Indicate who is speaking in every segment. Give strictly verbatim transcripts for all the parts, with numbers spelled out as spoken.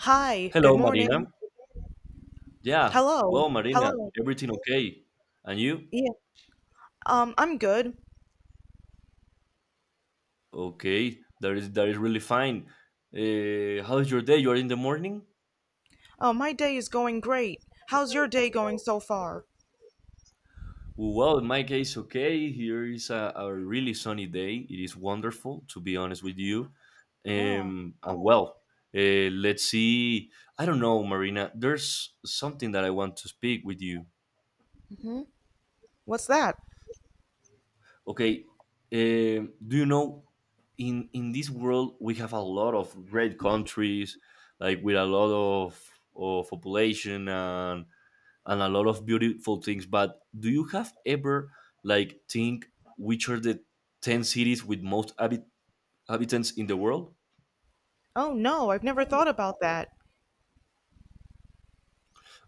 Speaker 1: Hi, good
Speaker 2: Hello,
Speaker 1: morning.
Speaker 2: Marina. Yeah,
Speaker 1: Hello.
Speaker 2: well, Marina,
Speaker 1: Hello.
Speaker 2: everything okay? And you?
Speaker 1: Yeah. Um, I'm good.
Speaker 2: Okay, that is that is really fine. Uh, how's your day? You are in the morning?
Speaker 1: Oh, my day is going great. How's your day going so far?
Speaker 2: Well, in my case, okay. Here is a, a really sunny day. It is wonderful, to be honest with you.
Speaker 1: Huh.
Speaker 2: Um, and well, uh, let's see. I don't know, Marina. There's something that I want to speak with you.
Speaker 1: Hmm. What's that?
Speaker 2: Okay, eh, do you know in in this world we have a lot of great countries, like with a lot of of population and and a lot of beautiful things. But do you have ever like think which are the ten cities with most habit- habitants in the world?
Speaker 1: Oh, no, I've never thought about that.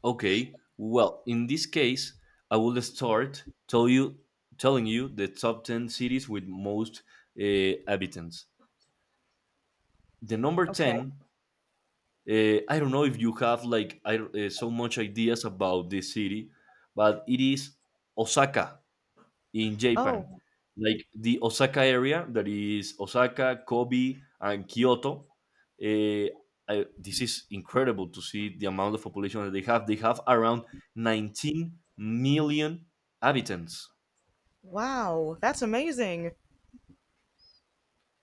Speaker 2: Okay, well in this case, I will start tell you telling you the top ten cities with most uh, habitants. The number
Speaker 1: Okay.
Speaker 2: ten. Uh, I don't know if you have like I, uh, so much ideas about this city, but it is Osaka in Japan,
Speaker 1: Oh,
Speaker 2: like the Osaka area that is Osaka, Kobe, and Kyoto. Uh, I, this is incredible to see the amount of population that they have. They have around nineteen million inhabitants.
Speaker 1: wow. That's amazing.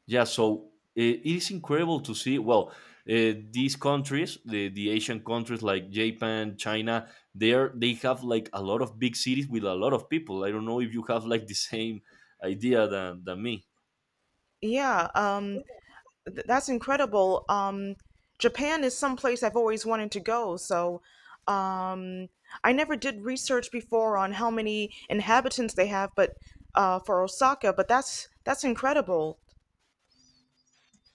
Speaker 2: Yeah, so it, it is incredible to see. Well, uh, these countries, the, the Asian countries like Japan, China, they are they have like a lot of big cities with a lot of people. I don't know if you have like the same idea than, than me.
Speaker 1: Yeah, um, Th- that's incredible. Um, Japan is someplace I've always wanted to go. So um, I never did research before on how many inhabitants they have, but uh, for Osaka, but that's that's incredible.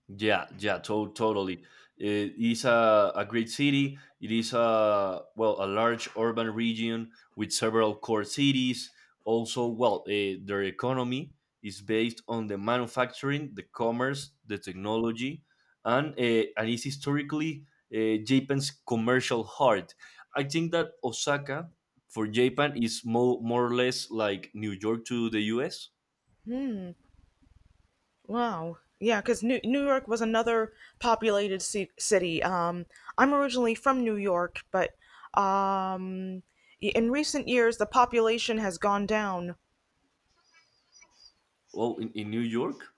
Speaker 2: Yeah, yeah, to- totally. It is a, a great city. It is a well, a large urban region with several core cities. Also, well, uh, their economy is based on the manufacturing, the commerce, the technology, and uh, and is historically uh, Japan's commercial heart. I think that Osaka for Japan is more more or less like New York to the U S.
Speaker 1: Hmm. Wow. Yeah, because New, New York was another populated ci- city. Um, I'm originally from New York, but um, y- in recent years the population has gone down.
Speaker 2: Well, in, in New York.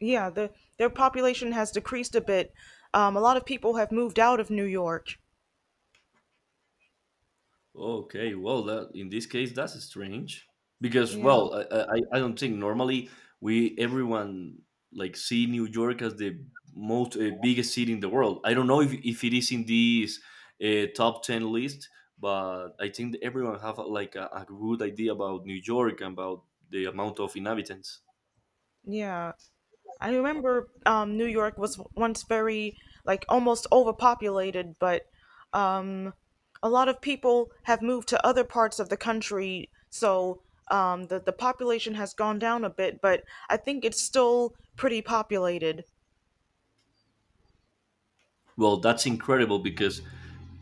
Speaker 1: Yeah, the their population has decreased a bit. Um, a lot of people have moved out of New York.
Speaker 2: Okay, well, that in this case, that's strange because,
Speaker 1: Yeah,
Speaker 2: well, I, I, I don't think normally we everyone like see New York as the most uh, biggest city in the world. I don't know if, if it is in this uh, top ten list, but I think that everyone have uh, like a, a good idea about New York and about the amount of inhabitants.
Speaker 1: yeah. I remember um, New York was once very like almost overpopulated, but um, a lot of people have moved to other parts of the country, so um, the the population has gone down a bit. But I think it's still pretty populated.
Speaker 2: Well, that's incredible because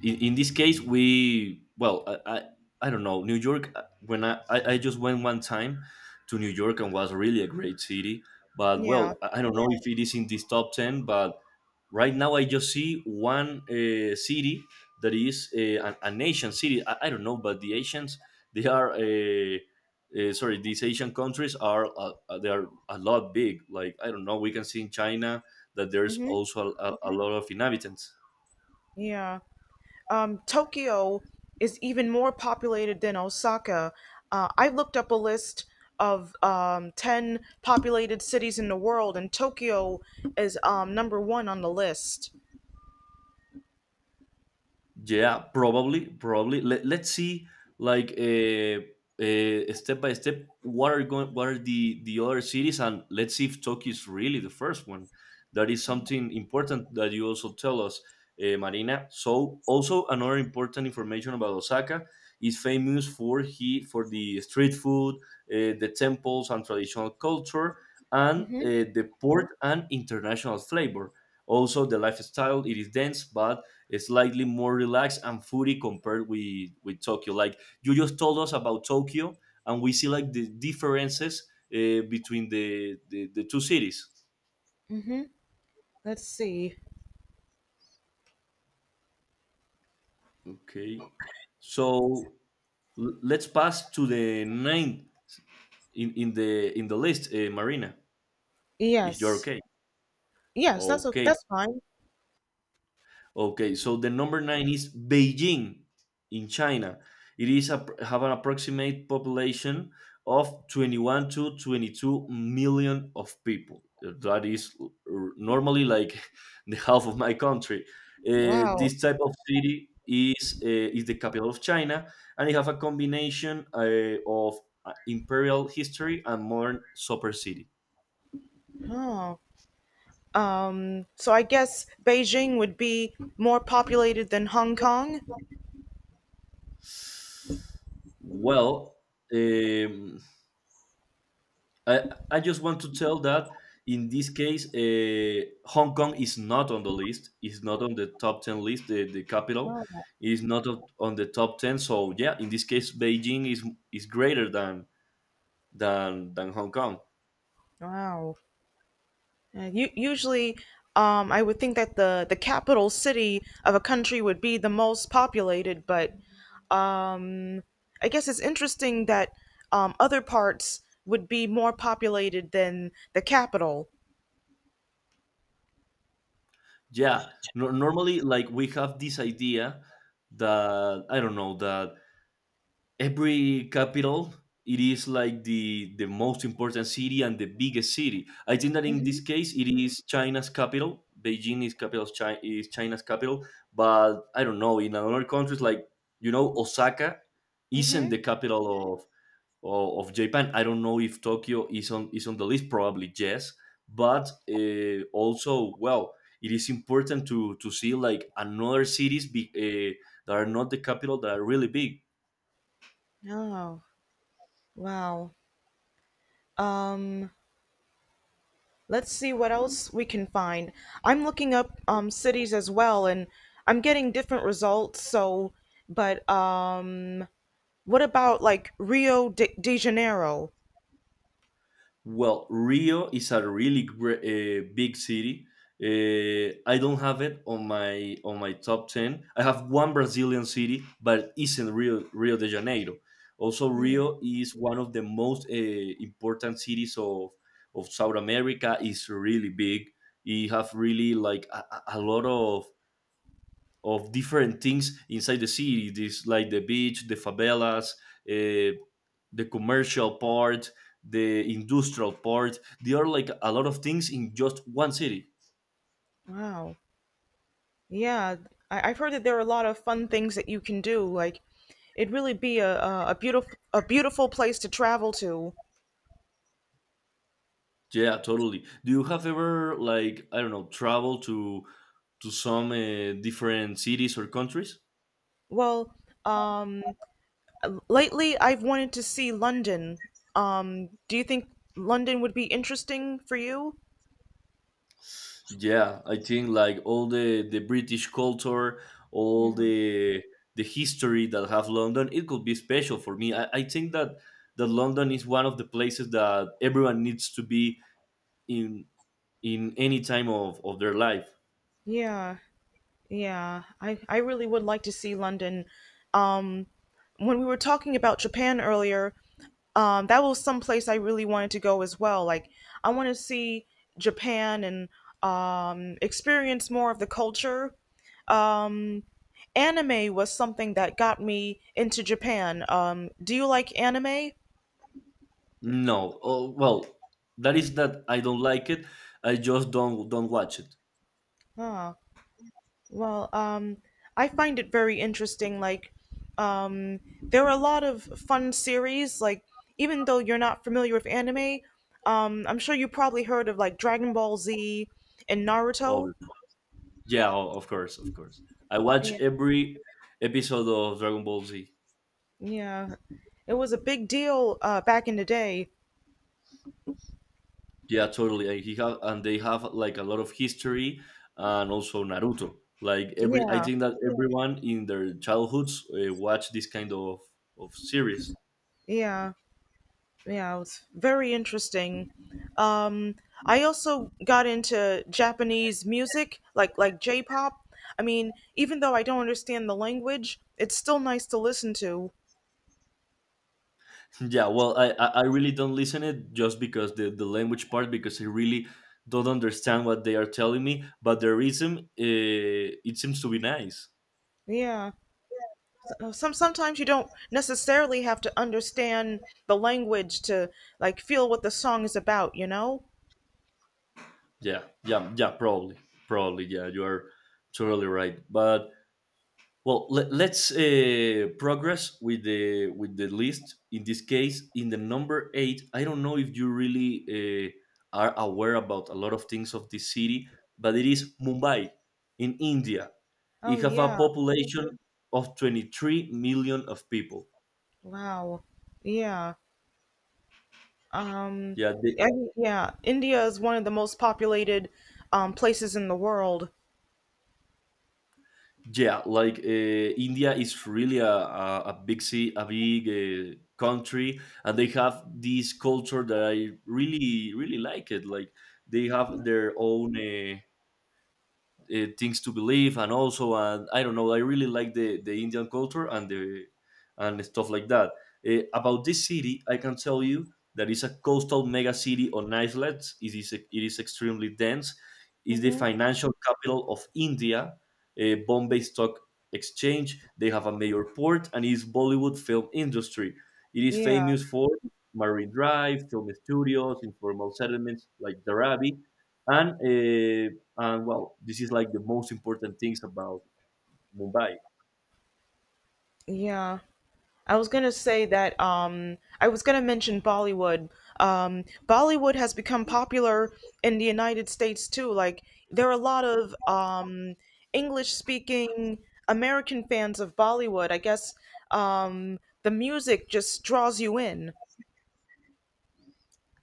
Speaker 2: in, in this case we well I, I I don't know New York, uh, when I, I I just went one time to New York and was really a great city, but
Speaker 1: Yeah.
Speaker 2: well i I don't know if it is in this top ten. But right now I just see one uh, city that is uh, an, an Asian city. I, I don't know, but the Asians they are uh, uh, sorry, these Asian countries are uh, uh, they are a lot big, like I don't know, we can see in China that there's
Speaker 1: Hmm.
Speaker 2: also a, a a lot of inhabitants.
Speaker 1: Yeah. um, Tokyo is even more populated than Osaka. Uh, I looked up a list of um, ten populated cities in the world, and Tokyo is um, number one on the list.
Speaker 2: Yeah, probably, probably. Let, let's see, like uh, uh, step by step, what are going, what are the the other cities, and let's see if Tokyo is really the first one. That is something important that you also tell us, uh, Marina. So, also another important information about Osaka is famous for he for the street food, uh, the temples and traditional culture, and uh,
Speaker 1: Mm-hmm,
Speaker 2: the port and international flavor. Also, the lifestyle it is dense, but slightly more relaxed and foodie compared with with Tokyo. Like you just told us about Tokyo, and we see like the differences uh, between the, the the two cities.
Speaker 1: mm-hmm. Let's see.
Speaker 2: Okay, so l- let's pass to the ninth in, in the in the list, uh, Marina, if you're
Speaker 1: Yes.
Speaker 2: okay.
Speaker 1: Yes, that's a,
Speaker 2: Okay,
Speaker 1: that's fine.
Speaker 2: Okay, so the number nine is Beijing in China. It is a, have an approximate population of twenty-one to twenty-two million of people. Uh, That is uh, normally like the half of my country. Uh,
Speaker 1: Wow.
Speaker 2: this type of city is uh, is the capital of China, and it have a combination uh, of uh, imperial history and modern super city.
Speaker 1: Oh. Um, so I guess Beijing would be more populated than Hong Kong?
Speaker 2: Well, um, I, I just want to tell that in this case, uh, Hong Kong is not on the list. It's not on the top ten list. The, the capital
Speaker 1: Wow.
Speaker 2: is not on on the top ten. So yeah, in this case, Beijing is is greater than than than Hong Kong.
Speaker 1: Wow. Uh, u- usually, um, I would think that the, the capital city of a country would be the most populated, but um, I guess it's interesting that um, other parts would be more populated than the capital.
Speaker 2: Yeah, no, normally like we have this idea that I don't know that every capital it is like the the most important city and the biggest city. I think that in
Speaker 1: Mm-hmm.
Speaker 2: this case it is China's capital. Beijing is capital of China, is China's capital. But I don't know in other countries, like you know, Osaka isn't
Speaker 1: Mm-hmm.
Speaker 2: the capital of of, of Japan. I don't know if Tokyo is on, is on the list, probably yes, but uh, also well it is important to to see like another cities be, uh, that are not the capital, that are really big.
Speaker 1: Oh, wow. Um, let's see what else we can find. I'm looking up um, cities as well, and I'm getting different results. So, but um, what about like Rio de, de Janeiro?
Speaker 2: Well, Rio is a really great, uh, big city. Uh, I don't have it on my on my top ten. I have one Brazilian city, but it isn't Rio Rio de Janeiro. Also, Rio is one of the most uh, important cities of of South America. It's really big. It have really like a, a a lot of of different things inside the city. This like the beach, the favelas, uh, the commercial part, the industrial part. There are like a lot of things in just one city.
Speaker 1: Wow. Yeah, I, I've heard that there are a lot of fun things that you can do. Like, it'd really be a a, a beautiful a beautiful place to travel to.
Speaker 2: Yeah, totally. Do you have ever like I don't know travel to to some uh, different cities or countries?
Speaker 1: Well, um, lately I've wanted to see London. Um, do you think London would be interesting for you?
Speaker 2: Yeah, I think like all the the British culture, all
Speaker 1: Yeah.
Speaker 2: the the history that have London, it could be special for me. I, I think that that London is one of the places that everyone needs to be in in any time of, of their life.
Speaker 1: Yeah, yeah. I I really would like to see London. Um, when we were talking about Japan earlier, um, that was some place I really wanted to go as well. Like I want to see Japan and um, experience more of the culture. Um, Anime was something that got me into Japan. Um, do you like anime?
Speaker 2: No, oh, well, that is that I don't like it. I just don't don't watch it.
Speaker 1: Ah, well, um, I find it very interesting. Like um, there are a lot of fun series. Like even though you're not familiar with anime, um, I'm sure you probably heard of like Dragon Ball Z and Naruto.
Speaker 2: Oh, yeah, o- of course, of course. I watch every episode of Dragon Ball Z.
Speaker 1: Yeah, it was a big deal uh, back in the day.
Speaker 2: Yeah, totally. And he have and they have like a lot of history, and also Naruto. Like every, I
Speaker 1: Yeah,
Speaker 2: think that everyone in their childhoods uh, watch this kind of of series.
Speaker 1: yeah, yeah. It was very interesting. Um, I also got into Japanese music, like like J-pop. I mean, even though I don't understand the language, it's still nice to listen to.
Speaker 2: Yeah, well, I I I really don't listen it just because the the language part, because I really don't understand what they are telling me. But the rhythm, uh, it seems to be nice.
Speaker 1: Yeah. Uh, Some sometimes you don't necessarily have to understand the language to like feel what the song is about, you know?
Speaker 2: Yeah, yeah, yeah. Probably, probably. Yeah, you are totally right. But well, let, let's uh, progress with the with the list. In this case, in the number eight, I don't know if you really uh, are aware about a lot of things of this city, but it is Mumbai in India.
Speaker 1: Oh
Speaker 2: It have a
Speaker 1: yeah.
Speaker 2: population of twenty three million of people.
Speaker 1: Wow. Yeah. Um,
Speaker 2: Yeah, the,
Speaker 1: I, yeah, India is one of the most populated um, places in the world.
Speaker 2: Yeah, like uh, India is really a, a, a big sea, a big uh, country, and they have this culture that I really really like it. Like they have their own uh, uh, things to believe, and also uh, I don't know, I really like the, the Indian culture and the and stuff like that. Uh, about this city I can tell you that it's a coastal mega city on islets. It is it is extremely dense. It's the
Speaker 1: Hmm.
Speaker 2: financial capital of India, uh, Bombay Stock Exchange. They have a major port, and is Bollywood film industry. It is
Speaker 1: Yeah,
Speaker 2: famous for marine drive, film studios, informal settlements like Dharavi, and uh, and well, this is like the most important things about Mumbai.
Speaker 1: yeah. I was gonna say that um I was gonna mention Bollywood. Um Bollywood has become popular in the United States too. Like there are a lot of um English speaking American fans of Bollywood. I guess um the music just draws you in.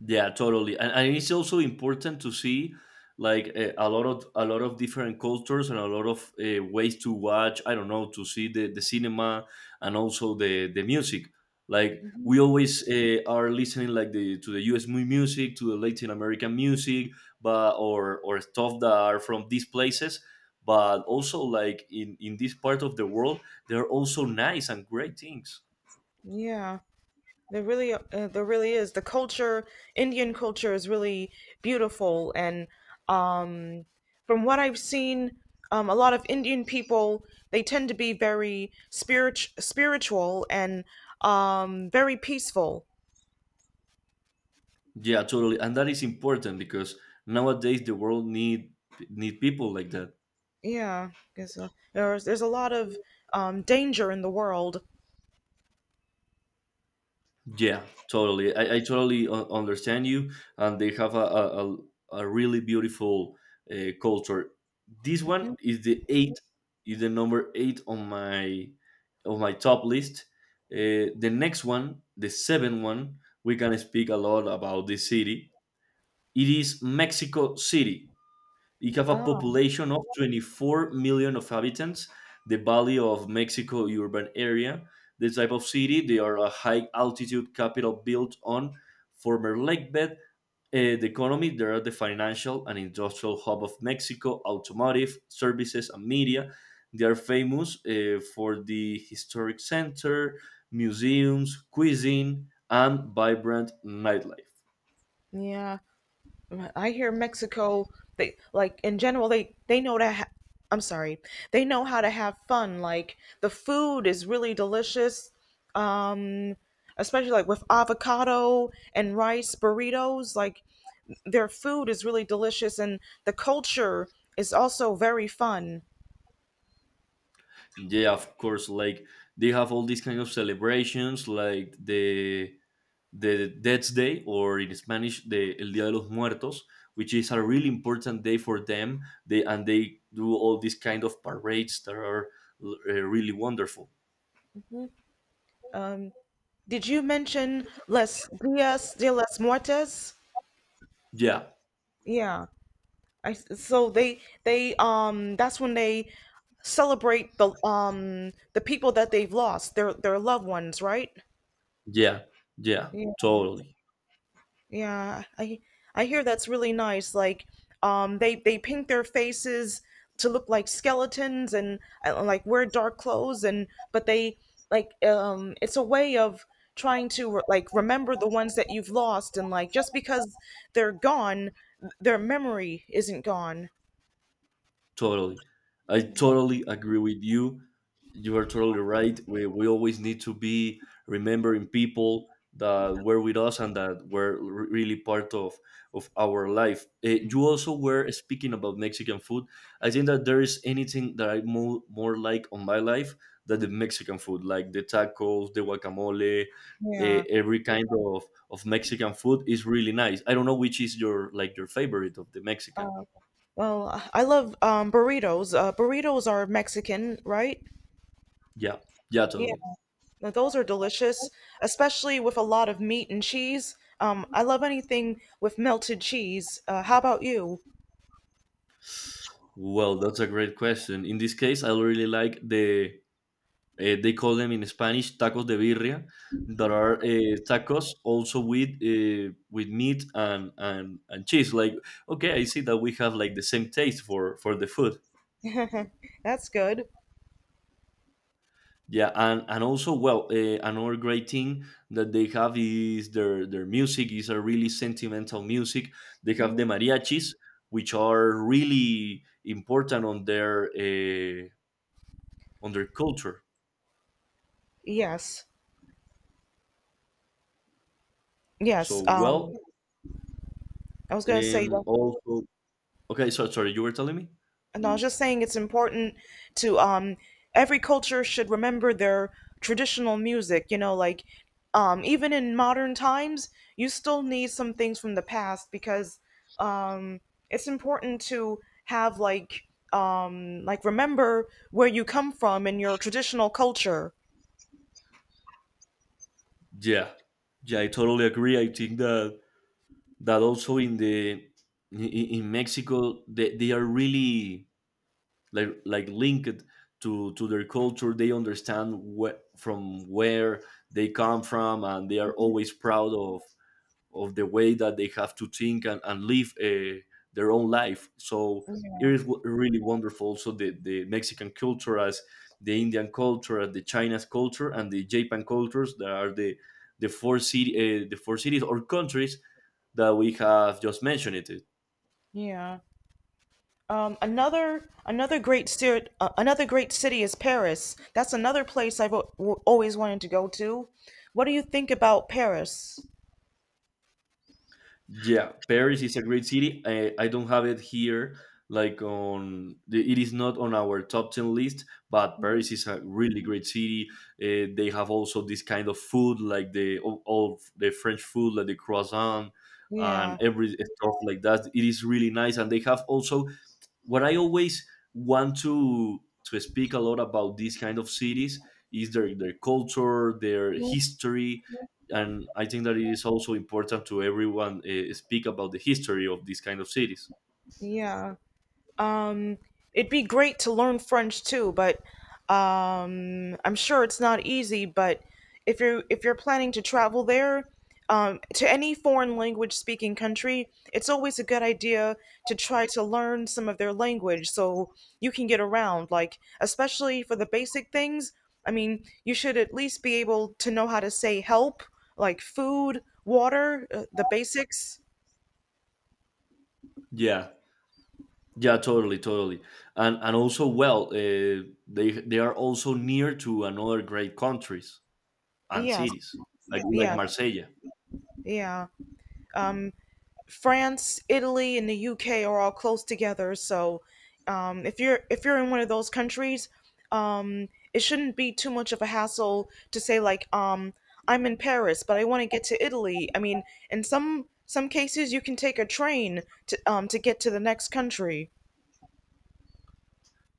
Speaker 2: Yeah, totally. And, and it's also important to see like a, a lot of a lot of different cultures and a lot of uh, ways to watch. I don't know to see the, the cinema, and also the the music. Like we always uh, are listening like the to the U S mu- music, to the Latin American music, but or or stuff that are from these places. But also like in in this part of the world, there are also nice and great things.
Speaker 1: Yeah. There really, uh, there really is. The culture, Indian culture, is really beautiful, and um, from what I've seen, um, a lot of Indian people they tend to be very spirit spiritual and um, very peaceful.
Speaker 2: Yeah, totally, and that is important because nowadays the world need need people like that.
Speaker 1: Yeah, because uh, there's there's a lot of um, danger in the world.
Speaker 2: Yeah, totally. I, I totally u- understand you, and they have a a, a a really beautiful uh, culture. This one
Speaker 1: Mhm.
Speaker 2: is the eight, is the number eight on my on my top list. Uh, the next one, the seven one, we can speak a lot about this city. It is Mexico City. It have a
Speaker 1: Ah,
Speaker 2: population of twenty-four million of inhabitants. The Valley of Mexico urban area, the type of city, they are a high altitude capital built on former lake bed. Uh, the economy, they are the financial and industrial hub of Mexico, automotive, services, and media. They are famous uh, for the historic center, museums, cuisine, and vibrant nightlife.
Speaker 1: yeah. I hear Mexico, they like in general they they know to ha- I'm sorry. They know how to have fun. Like the food is really delicious. Um Especially like with avocado and rice burritos, like their food is really delicious and the culture is also very fun.
Speaker 2: Yeah, of course. Like they have all these kind of celebrations, like the the Death's Day, or in Spanish, the El Día de los Muertos, which is a really important day for them. They and they do all these kind of parades that are uh, really wonderful.
Speaker 1: Um did you mention Las Dias de las Muertes?
Speaker 2: Yeah,
Speaker 1: Yeah. I s- so they they um that's when they celebrate the um the people that they've lost, their their loved ones, right?
Speaker 2: yeah, yeah,
Speaker 1: Yeah.
Speaker 2: totally.
Speaker 1: Yeah, I I hear that's really nice. Like um they they paint their faces to look like skeletons and uh, like wear dark clothes and but they like um it's a way of trying to like remember the ones that you've lost and like just because they're gone, their memory isn't gone.
Speaker 2: Totally. I totally agree with you. You are totally right. We, we always need to be remembering people that were with us and that were re- really part of, of our life. Eh, you also were speaking about Mexican food. I think that there is anything that I mo- more like on my life than the Mexican food, like the tacos, the guacamole, eh,
Speaker 1: Yeah.
Speaker 2: every kind of, of Mexican food is really nice. I don't know which is your like your favorite of the Mexican.
Speaker 1: Well, I I love um, burritos. Uh, burritos are Mexican, right?
Speaker 2: Yeah, yeah,
Speaker 1: Yeah,
Speaker 2: totally.
Speaker 1: now those are delicious, especially with a lot of meat and cheese. Um, I love anything with melted cheese. Uh, how about you?
Speaker 2: Well, that's a great question. In this case, I really like the uh, they call them in Spanish tacos de birria. That are uh, tacos also with uh, with meat and, and and cheese. Like okay, I see that we have like the same taste for for the food.
Speaker 1: That's good.
Speaker 2: Yeah, and and also well, uh, another great thing that they have is their their music is a really sentimental music. They have the
Speaker 1: Mhm.
Speaker 2: mariachis, which are really important on their uh, on their culture.
Speaker 1: Yes, yes.
Speaker 2: So well,
Speaker 1: Um, I was gonna say
Speaker 2: um, also, okay. So sorry, you were telling me.
Speaker 1: And I was just saying it's important to um every culture should remember their traditional music, you know, like um even in modern times, you still need some things from the past because um it's important to have like um like remember where you come from in your traditional culture.
Speaker 2: Yeah, yeah, I totally agree. I think that that also in the in, in Mexico they, they are really like like linked to to their culture. They understand wh- from where they come from, and they are always proud of of the way that they have to think and, and live uh, their own life. So it is w- really wonderful. Also, the, the Mexican culture, as the Indian culture, as the China's culture, and the Japan cultures that are the the four city, uh, the four cities or countries that we have just mentioned. It
Speaker 1: Yeah. Um, another another great city, uh, another great city is Paris. That's another place I've al- always wanted to go to. What do you think about Paris?
Speaker 2: Yeah, Paris is a great city. I, I don't have it here, like on the, it is not on our top ten list, but Paris is a really great city. Uh, they have also this kind of food, like the all, all the French food, like the croissant
Speaker 1: Yeah,
Speaker 2: and every stuff like that. It is really nice, and they have also what I always want to to speak a lot about these kind of cities is their their culture, their history, and I think that it is also important to everyone uh, speak about the history of these kind of cities.
Speaker 1: yeah. Um, It'd be great to learn French too, but um, I'm sure it's not easy. But if you're if you're planning to travel there, um, to any foreign language speaking country, it's always a good idea to try to learn some of their language so you can get around. Like especially for the basic things. I mean, you should at least be able to know how to say help, like food, water, uh, the basics.
Speaker 2: Yeah, yeah, totally, totally, and and also well, uh, they they are also near to another great countries and
Speaker 1: Yes,
Speaker 2: cities like like
Speaker 1: yes,
Speaker 2: Marsella.
Speaker 1: yeah. Um, France, Italy, and the U K are all close together. So um, if you're if you're in one of those countries, um, it shouldn't be too much of a hassle to say like um, I'm in Paris, but I want to get to Italy. I mean, in some some cases, you can take a train to um, to get to the next country.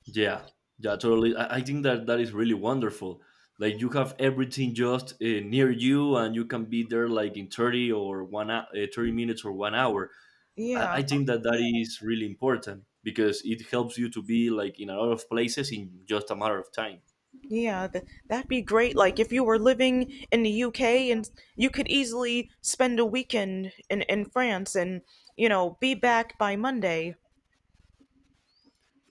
Speaker 2: Yeah, yeah, totally. I, I think that that is really wonderful. Like you have everything just uh, near you, and you can be there like in thirty or one hou- uh, thirty minutes or one hour. I, I
Speaker 1: Yeah,
Speaker 2: think that that is really important because it helps you to be like in a lot of places in just a matter of time.
Speaker 1: yeah, th- that'd be great. Like if you were living in the U K and you could easily spend a weekend in in France and, you know, be back by Monday.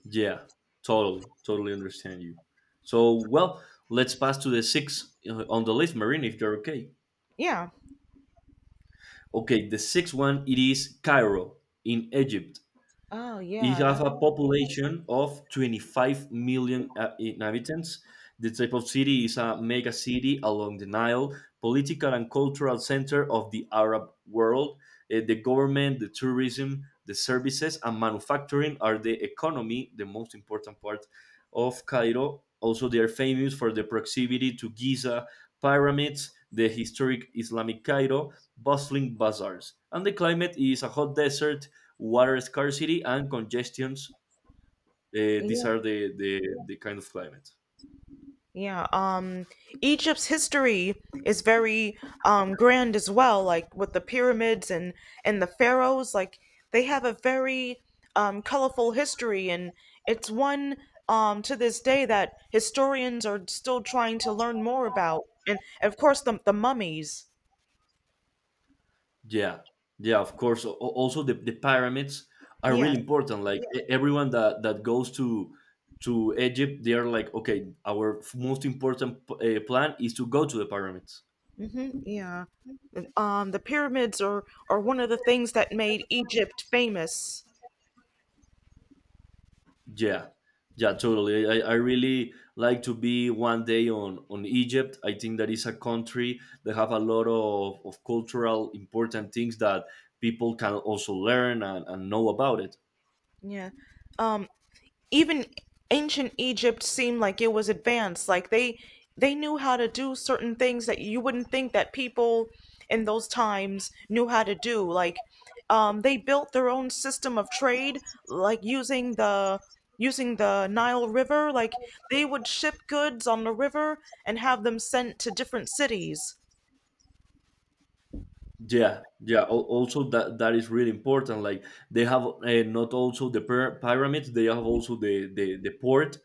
Speaker 2: Yeah, totally, totally understand you. So well, let's pass to the six uh, on the list, Marine, if you're okay.
Speaker 1: Yeah.
Speaker 2: Okay, the sixth one it is Cairo in Egypt.
Speaker 1: Oh
Speaker 2: It
Speaker 1: yeah,
Speaker 2: has
Speaker 1: that
Speaker 2: a population of twenty-five million uh, inhabitants. The type of city is a mega city along the Nile, political and cultural center of the Arab world. Uh, the government, the tourism, the services, and manufacturing are the economy, the most important part of Cairo. Also, they are famous for the proximity to Giza pyramids, the historic Islamic Cairo, bustling bazaars. And the climate is a hot desert water scarcity and congestions. Uh, these
Speaker 1: yeah,
Speaker 2: are the, the the kind of climate.
Speaker 1: yeah. Um, Egypt's history is very um grand as well, like with the pyramids and and the pharaohs. Like they have a very um colorful history, and it's one um to this day that historians are still trying to learn more about. And of course, the the mummies.
Speaker 2: Yeah, yeah. Of course. al- al- Also, the, the pyramids are really
Speaker 1: Yes.
Speaker 2: important. Like e- everyone that that goes to to Egypt, they are like, okay, our f- most important p- uh, plan is to go to the pyramids.
Speaker 1: Mm-hmm. Yeah. Um, the pyramids are are one of the things that made Egypt famous.
Speaker 2: Yeah, yeah, totally. I, I I really like to be one day on on Egypt. I think that is a country that have a lot of, of cultural important things that people can also learn and, and know about it.
Speaker 1: Yeah. Um, Even ancient Egypt seemed like it was advanced. Like they they knew how to do certain things that you wouldn't think that people in those times knew how to do. Like um, they built their own system of trade, like using the using the Nile River. Like they would ship goods on the river and have them sent to different cities.
Speaker 2: Yeah, yeah. Al- Also, that that is really important. Like they have uh, not also the pyra- pyramids; they have also the the, the port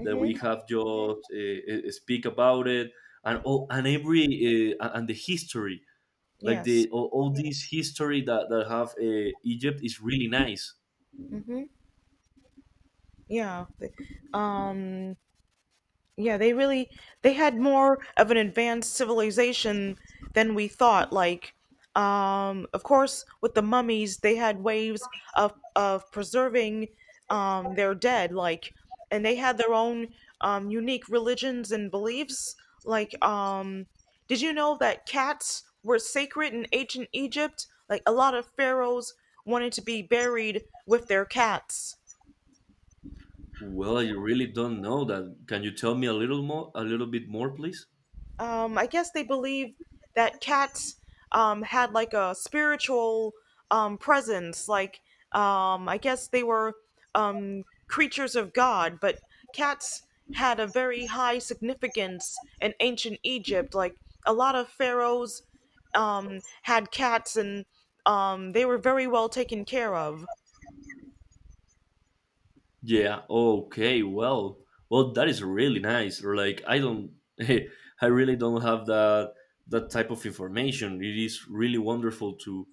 Speaker 2: that we have just uh, uh, speak about it, and all and every uh, and and the history like
Speaker 1: Yes.
Speaker 2: the all, all this history that that have uh, Egypt is really nice.
Speaker 1: Mm-hmm. Yeah. Um. Yeah, they really they had more of an advanced civilization than we thought. Like, um, of course, with the mummies, they had ways of of preserving um, their dead. Like, and they had their own um, unique religions and beliefs. Like, um, did you know that cats were sacred in ancient Egypt? Like, a lot of pharaohs wanted to be buried with their cats.
Speaker 2: Well, I really don't know that. Can you tell me a little more, a little bit more, please?
Speaker 1: um, I guess they believed that cats um, had like a spiritual um, presence. Like, um, I guess they were um, creatures of God, but cats had a very high significance in ancient Egypt. Like, a lot of pharaohs um, had cats, and um, they were very well taken care of.
Speaker 2: Yeah. Okay. Well, well, that is really nice. Or like, I don't, I really don't have that that type of information. It is really wonderful to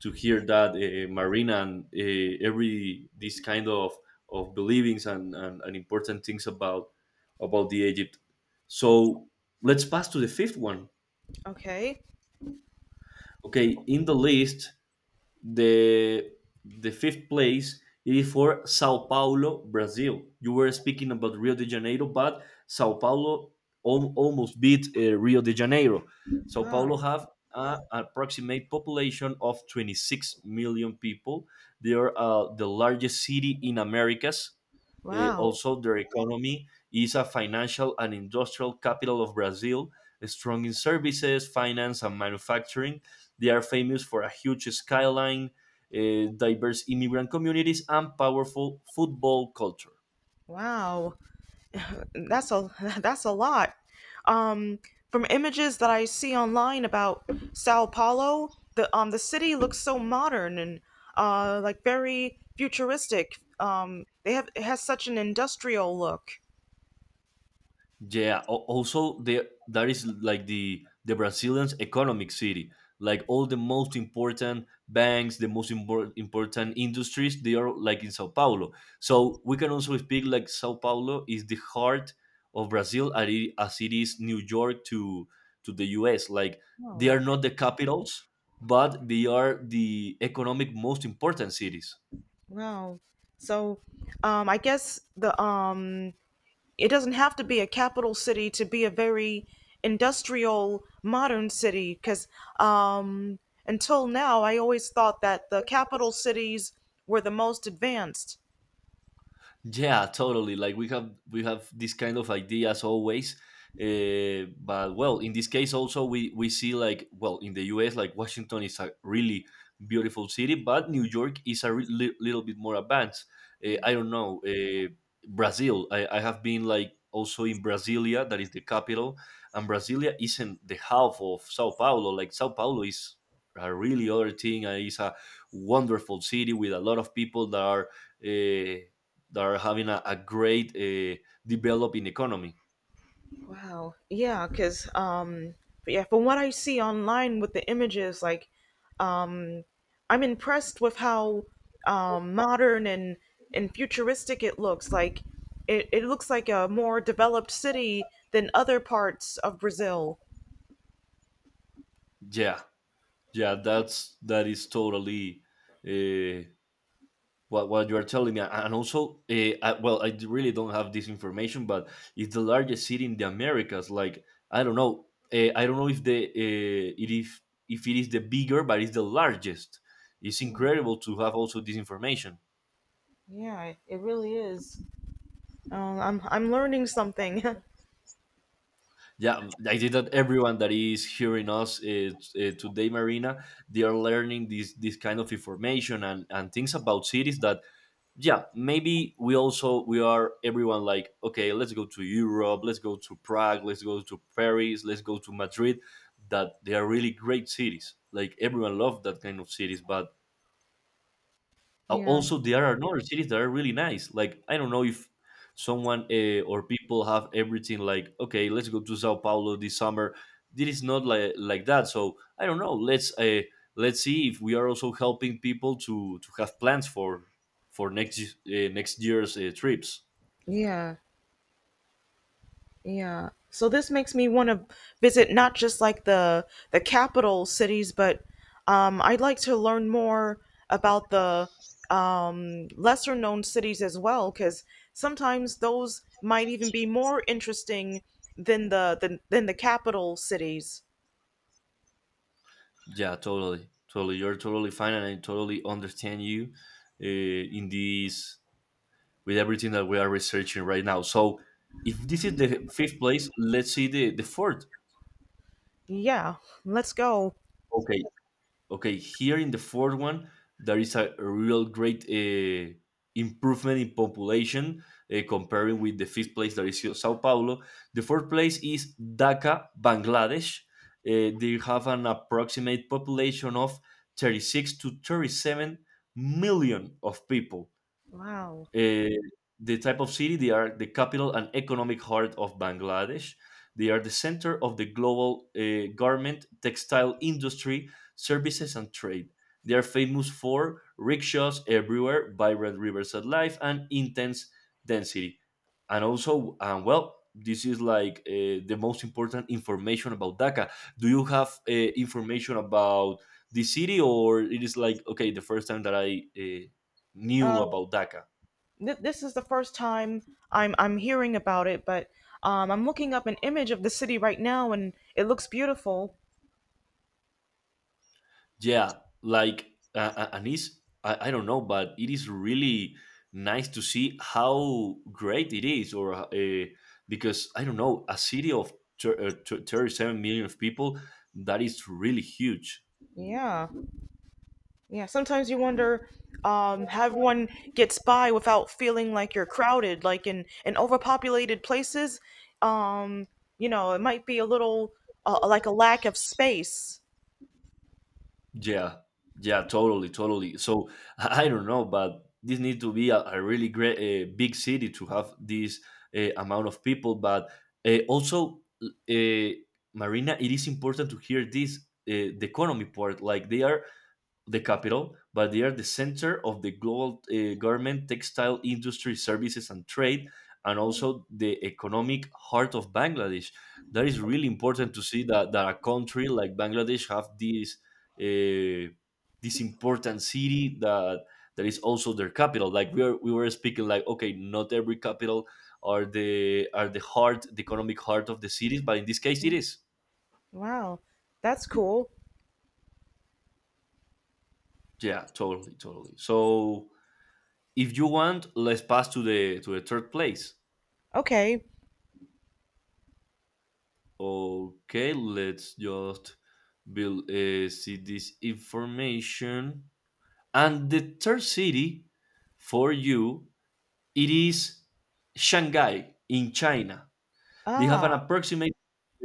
Speaker 2: to hear that uh, Marina and uh, every these kind of of believings and, and, and important things about about the Egypt. So let's pass to the fifth one.
Speaker 1: Okay.
Speaker 2: Okay, in the list the the fifth place is for Sao Paulo, Brazil. You were speaking about Rio de Janeiro, but Sao Paulo al- almost beat uh, Rio de Janeiro. Sao Paulo
Speaker 1: Oh,
Speaker 2: have an approximate population of twenty-six million people. They are uh, the largest city in Americas. Uh,
Speaker 1: wow.
Speaker 2: also, their economy is a financial and industrial capital of Brazil, strong in services, finance, and manufacturing, they are famous for a huge skyline, uh, diverse immigrant communities, and powerful football culture.
Speaker 1: Wow. that's a that's a lot. Um, from images that I see online about Sao Paulo, the um the city looks so modern and uh like very futuristic. Um, they have It has such an industrial look.
Speaker 2: Yeah. al- Also, the that is like the the Brazilians' economic city. Like all the most important banks, the most impor- important industries, they are like in Sao Paulo. So we can also speak like Sao Paulo is the heart of Brazil, as it as it is New York to to the U S. Like they
Speaker 1: Oh,
Speaker 2: are not the capitals, but they are the economic most important cities.
Speaker 1: wow! So, um, I guess the um It doesn't have to be a capital city to be a very industrial modern city because um, until now I always thought that the capital cities were the most advanced.
Speaker 2: Yeah, totally. Like we have we have this kind of ideas always. Uh, but well, in this case also we we see like well in the U S like Washington is a really beautiful city, but New York is a re- li- little bit more advanced. Uh, I don't know uh, Brazil. I, I have been like also in Brasilia, that is the capital, and Brasilia isn't the half of Sao Paulo. Like Sao Paulo is a really other thing. and It's a wonderful city with a lot of people that are. Uh, that are having a, a great uh, developing economy.
Speaker 1: Wow. Yeah, because um, but yeah, from what I see online with the images, like um, I'm impressed with how um, modern and and futuristic it looks. Like it, it looks like a more developed city than other parts of Brazil.
Speaker 2: Yeah, yeah, that's that is totally uh, what what you are telling me. And also, uh, I, well, I really don't have this information, but it's the largest city in the Americas. Like I don't know, uh, I don't know if the uh, it if if it is the bigger, but it's the largest. It's incredible to have also this information.
Speaker 1: Yeah, it it really is. Um, I'm I'm learning something.
Speaker 2: Yeah, I think that everyone that is hearing us is, uh, today, Marina, they are learning this this kind of information and, and things about cities that, yeah, maybe we also we are everyone like, okay, let's go to Europe, let's go to Prague, let's go to Paris, let's go to Madrid, that they are really great cities. Like everyone loves that kind of cities, but Al-
Speaker 1: Yeah,
Speaker 2: Also, there are other cities that are really nice. Like I don't know if someone uh, or people have everything. Like okay, let's go to Sao Paulo this summer. This is not like like that. So I don't know. Let's uh, let's see if we are also helping people to to have plans for for next y- uh, next year's uh, trips.
Speaker 1: yeah, yeah. So this makes me want to visit not just like the the capital cities, but um, I'd like to learn more about the um, lesser known cities as well, because sometimes those might even be more interesting than the than, than the capital cities.
Speaker 2: Yeah, totally, totally. You're totally fine, and I totally understand you uh, in this with everything that we are researching right now. So, if this is the fifth place, let's see the the fourth.
Speaker 1: Yeah, let's go.
Speaker 2: Okay, okay. Here in the fourth one, there is a real great uh, improvement in population uh, comparing with the fifth place that is Sao Paulo. The fourth place is Dhaka, Bangladesh. Uh, they have an approximate population of thirty-six to thirty-seven million of people.
Speaker 1: Wow.
Speaker 2: Uh, the type of city they are the capital and economic heart of Bangladesh. They are the center of the global uh, garment, textile industry, services, and trade. They are famous for rickshaws everywhere, vibrant rivers at life, and intense density. And also, um, well, this is like uh, the most important information about Dhaka. Do you have uh, information about the city, or it is like okay, the first time that I uh, knew
Speaker 1: Uh,
Speaker 2: about Dhaka?
Speaker 1: th- this is the first time I'm I'm hearing about it, but um, I'm looking up an image of the city right now, and it looks beautiful.
Speaker 2: Yeah, like uh, uh, and it's I, I don't know, but it is really nice to see how great it is, or uh, because I don't know, a city of thir- uh, thir- thirty-seven million of people that is really huge.
Speaker 1: Yeah, yeah. Sometimes you wonder um, how everyone gets by without feeling like you're crowded, like in in overpopulated places. Um, you know, it might be a little uh, like a lack of space.
Speaker 2: Yeah, yeah, totally, totally. So I I don't know, but this need to be a, a really great uh, big city to have this uh, amount of people. But uh, also, uh, Marina, it is important to hear this uh, the economy part. Like they are the capital, but they are the center of the global uh, garment, textile industry, services, and trade, and also the economic heart of Bangladesh. That is really important to see that, that a country like Bangladesh have this uh, this important city that that is also their capital. Like we are, we were speaking like okay, not every capital are the are the heart, the economic heart of the cities, but in this case, it is.
Speaker 1: Wow, that's cool.
Speaker 2: Yeah, totally, totally. So if you want, let's pass to the to the third place.
Speaker 1: Okay.
Speaker 2: Okay, let's just build uh, see this information. And the third city for you it is Shanghai in China. They have an
Speaker 1: Ah,
Speaker 2: approximate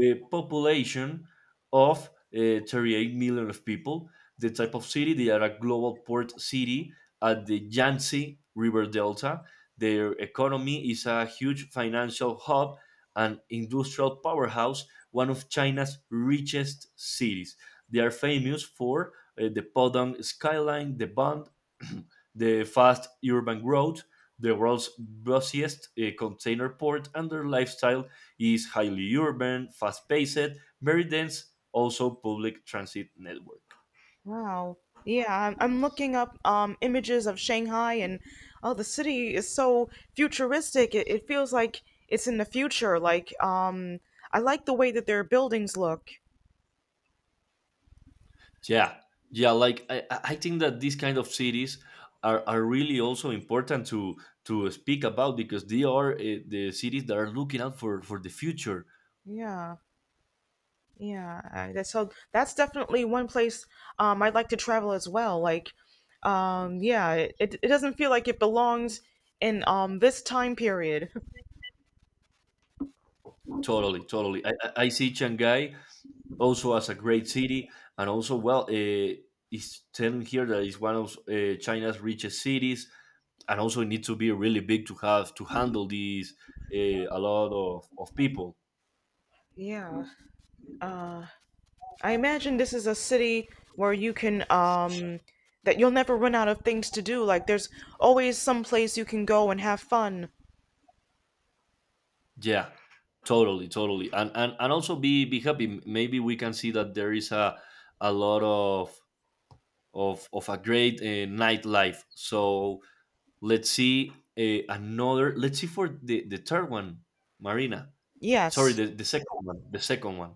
Speaker 2: uh, population of uh, thirty-eight million of people. The type of city, they are a global port city at the Yangtze River Delta. Their economy is a huge financial hub and industrial powerhouse, one of China's richest cities. They are famous for uh, the Podong skyline, the Bund, the fast urban growth, the world's busiest uh, container port, and their lifestyle is highly urban, fast-paced, very dense, also public transit network.
Speaker 1: wow. Yeah, I'm, I'm looking up um, images of Shanghai, and oh, the city is so futuristic. It, it feels like it's in the future. Like, um, I like the way that their buildings look.
Speaker 2: Yeah, yeah, like I, I I think that these kind of cities are, are really also important to to speak about because they are uh, the cities that are looking out for for the future.
Speaker 1: Yeah, yeah. I- That's so. That's definitely one place um, I'd like to travel as well. Like, um, yeah, it, it it doesn't feel like it belongs in um, this time period.
Speaker 2: Totally, totally. I, I I see Shanghai also as a great city, and also well, uh, it's telling here that it's one of uh, China's richest cities. And also it needs to be really big to have to handle these uh, a lot of, of people.
Speaker 1: Yeah. Uh, I imagine this is a city where you can um that you'll never run out of things to do. Like there's always some place you can go and have fun.
Speaker 2: Yeah, totally, totally. And, and and also be be happy. Maybe we can see that there is a a lot of of of a great uh, nightlife. So let's see. Uh, another, let's see, for the the third one, Marina. Sorry,
Speaker 1: Yes.
Speaker 2: the, the second one. The second one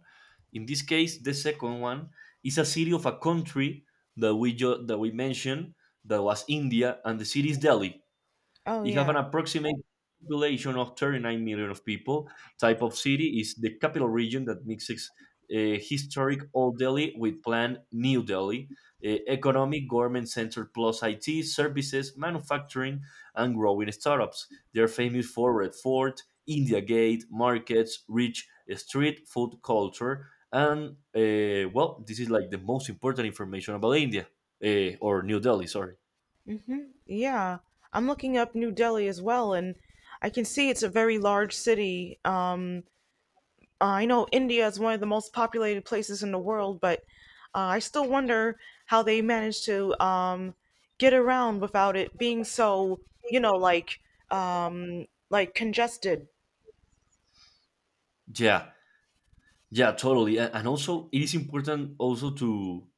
Speaker 2: in this case, the second one, is a city of a country that we ju- that we mentioned, that was India, and the city is Delhi.
Speaker 1: Oh
Speaker 2: They have
Speaker 1: yeah.
Speaker 2: an approximate population of thirty-nine million of people. Type of city is the capital region that mixes uh, historic Old Delhi with planned New Delhi, uh, economic government center plus I T services, manufacturing, and growing startups. They're famous for Red Fort, India Gate, markets, rich eh, street food culture, and uh, well, this is like the most important information about India uh, or New Delhi. Sorry.
Speaker 1: Yeah. I'm looking up New Delhi as well, and I can see it's a very large city. Um I know India is one of the most populated places in the world, but uh, I still wonder how they manage to um get around without it being so, you know, like um like congested.
Speaker 2: Yeah. Yeah, totally. A- And also, it is important also to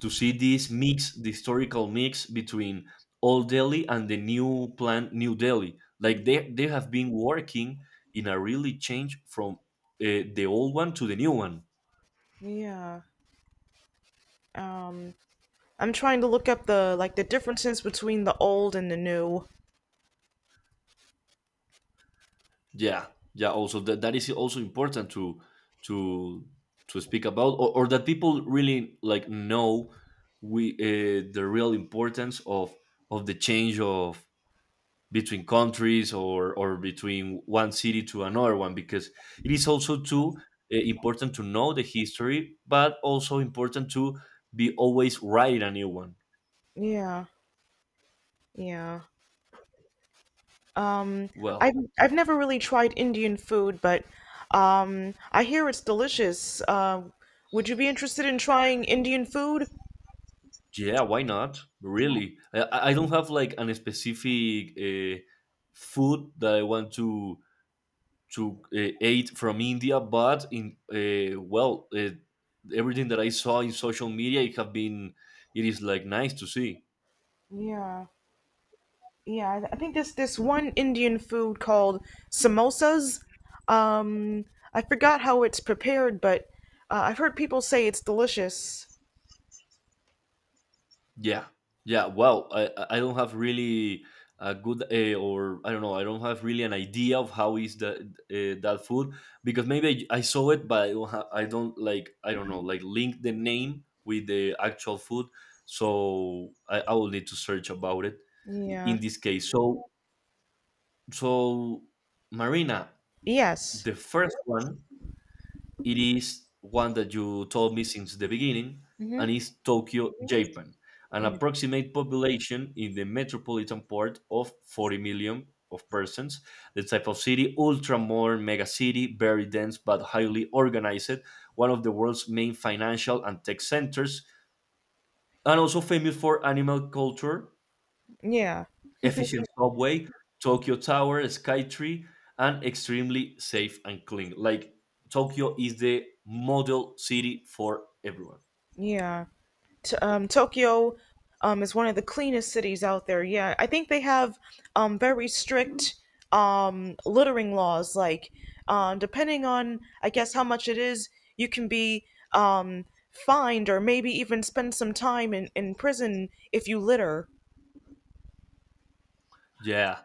Speaker 2: to see this mix, the historical mix between old Delhi and the new plan, New Delhi. Like they they have been working in a really change from uh, the old one to the new one.
Speaker 1: Yeah. Um, I'm trying to look up the like the differences between the old and the new.
Speaker 2: Yeah, yeah. Also, that that is also important to to to speak about, or, or that people really like know we uh, the real importance of of the change of between countries or or between one city to another one, because it is also too uh, important to know the history but also important to be always writing a new one.
Speaker 1: Yeah, yeah. Um, I've
Speaker 2: Well,
Speaker 1: I've never really tried Indian food, but um, I hear it's delicious. Uh, would you be interested in trying Indian food?
Speaker 2: yeah, why not. Really, i, I I don't have like an specific uh, food that I want to to uh, eat from India, but in uh, well, uh, everything that I saw in social media, it have been, it is like nice to see.
Speaker 1: Yeah, yeah. I I think there's this one Indian food called samosas. Um, I forgot how it's prepared, but uh, I've heard people say it's delicious.
Speaker 2: Yeah, yeah. Well, I I I don't have really a good uh, or I don't know. I don't have really an idea of how is that uh, that food, because maybe I, I saw it, but I don't have. I don't like. I don't know. Like link the name with the actual food, so I, I will need to search about it
Speaker 1: Yeah.
Speaker 2: in this case. So so Marina,
Speaker 1: Yes.
Speaker 2: the first one, it is one that you told me since the beginning, and
Speaker 1: Mm-hmm.
Speaker 2: is Tokyo, Japan, an approximate population in the metropolitan part of forty million of persons. The type of city, ultra modern mega city, very dense but highly organized, one of the world's main financial and tech centers, and also famous for animal culture,
Speaker 1: Yeah.
Speaker 2: efficient subway, Tokyo Tower, Skytree, and extremely safe and clean. Like Tokyo is the model city for everyone.
Speaker 1: Yeah. T- um, Tokyo um, is one of the cleanest cities out there. Yeah, I think they have um, very strict um, littering laws. Like, um, depending on, I guess, how much it is, you can be um, fined or maybe even spend some time in, in prison if you litter.
Speaker 2: Yeah,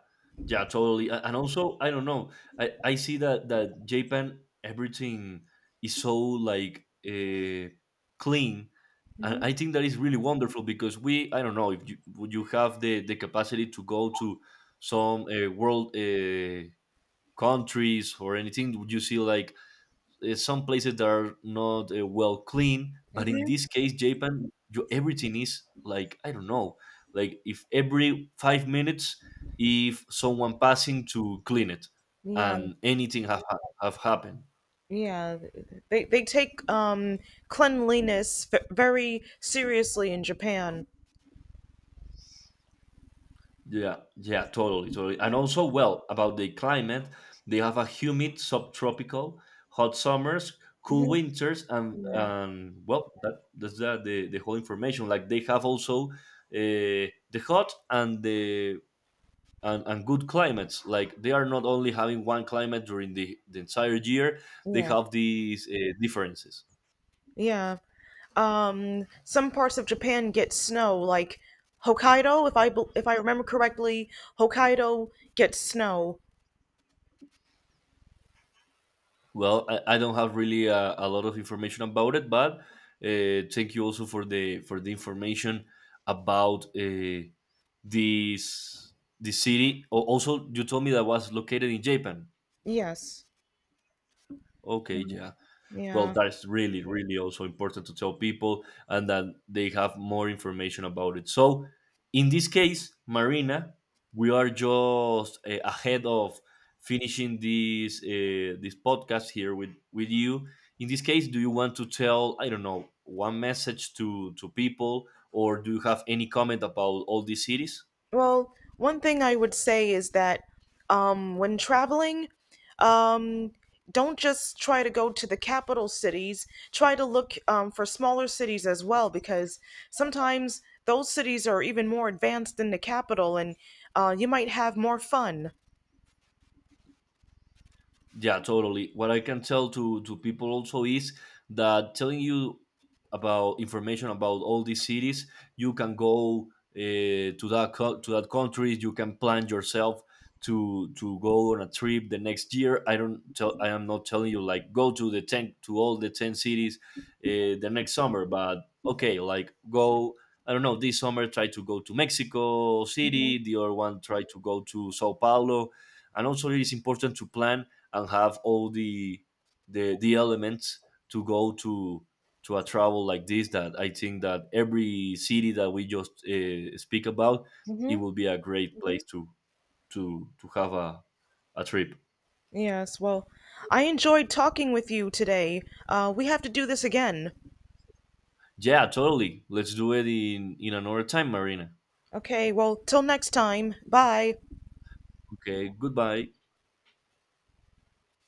Speaker 2: yeah, totally. A- And also, I don't know. I, I see that that Japan, everything is so like uh, clean, and
Speaker 1: Hmm.
Speaker 2: I think that is really wonderful because we, I don't know if you would you have the the capacity to go to some uh, world uh, countries or anything. Would you see like uh, some places that are not uh, well clean, but in
Speaker 1: Hmm.
Speaker 2: this case Japan, you, everything is like I don't know, like if every five minutes if someone passing to clean it
Speaker 1: Yeah,
Speaker 2: and anything have, ha- have happened.
Speaker 1: yeah. They, they take um, cleanliness f- very seriously in Japan.
Speaker 2: Yeah, yeah, totally, totally. And also, well, about the climate, they have a humid subtropical, hot summers, cool
Speaker 1: Hmm.
Speaker 2: winters, and
Speaker 1: Yeah,
Speaker 2: um, well, that that's that the the whole information. Like they have also uh, the hot and the and, and good climates. Like they are not only having one climate during the, the entire year, they
Speaker 1: yeah,
Speaker 2: have these uh, differences.
Speaker 1: yeah. Um some parts of Japan get snow, like Hokkaido. If I bel- if I remember correctly, Hokkaido gets snow.
Speaker 2: Well, I, I don't have really a, a lot of information about it, but uh, thank you also for the for the information about uh, this the city. Al- Also, you told me that was located in Japan.
Speaker 1: Yes,
Speaker 2: Okay, yeah. Well,
Speaker 1: yeah.
Speaker 2: that is really really also important to tell people and that they have more information about it. So in this case, Marina, we are just uh, ahead of finishing this uh, this podcast here with with you. In this case, do you want to tell, I don't know, one message to to people, or do you have any comment about all these cities?
Speaker 1: Well, one thing I would say is that um when traveling, um don't just try to go to the capital cities. Try to look um, for smaller cities as well, because sometimes those cities are even more advanced than the capital, and uh, you might have more fun.
Speaker 2: Yeah, totally. What I can tell to to people also is that telling you about information about all these cities, you can go uh, to that co- to that country. You can plan yourself to to go on a trip the next year. I don't tell. I am not telling you like go to the ten to all the ten cities uh, the next summer, but okay, like go. I don't know. This summer, try to go to Mexico City. The other one, try to go to Sao Paulo. And also, it is important to plan and have all the the the elements to go to to a travel like this, that I think that every city that we just uh, speak about, it
Speaker 1: Hmm.
Speaker 2: will be a great place to to to have a, a trip.
Speaker 1: Yes, well, I enjoyed talking with you today. Uh, we have to do this again.
Speaker 2: Yeah, totally, let's do it in in another time, Marina.
Speaker 1: Okay, well, till next time. Bye.
Speaker 2: Okay, goodbye.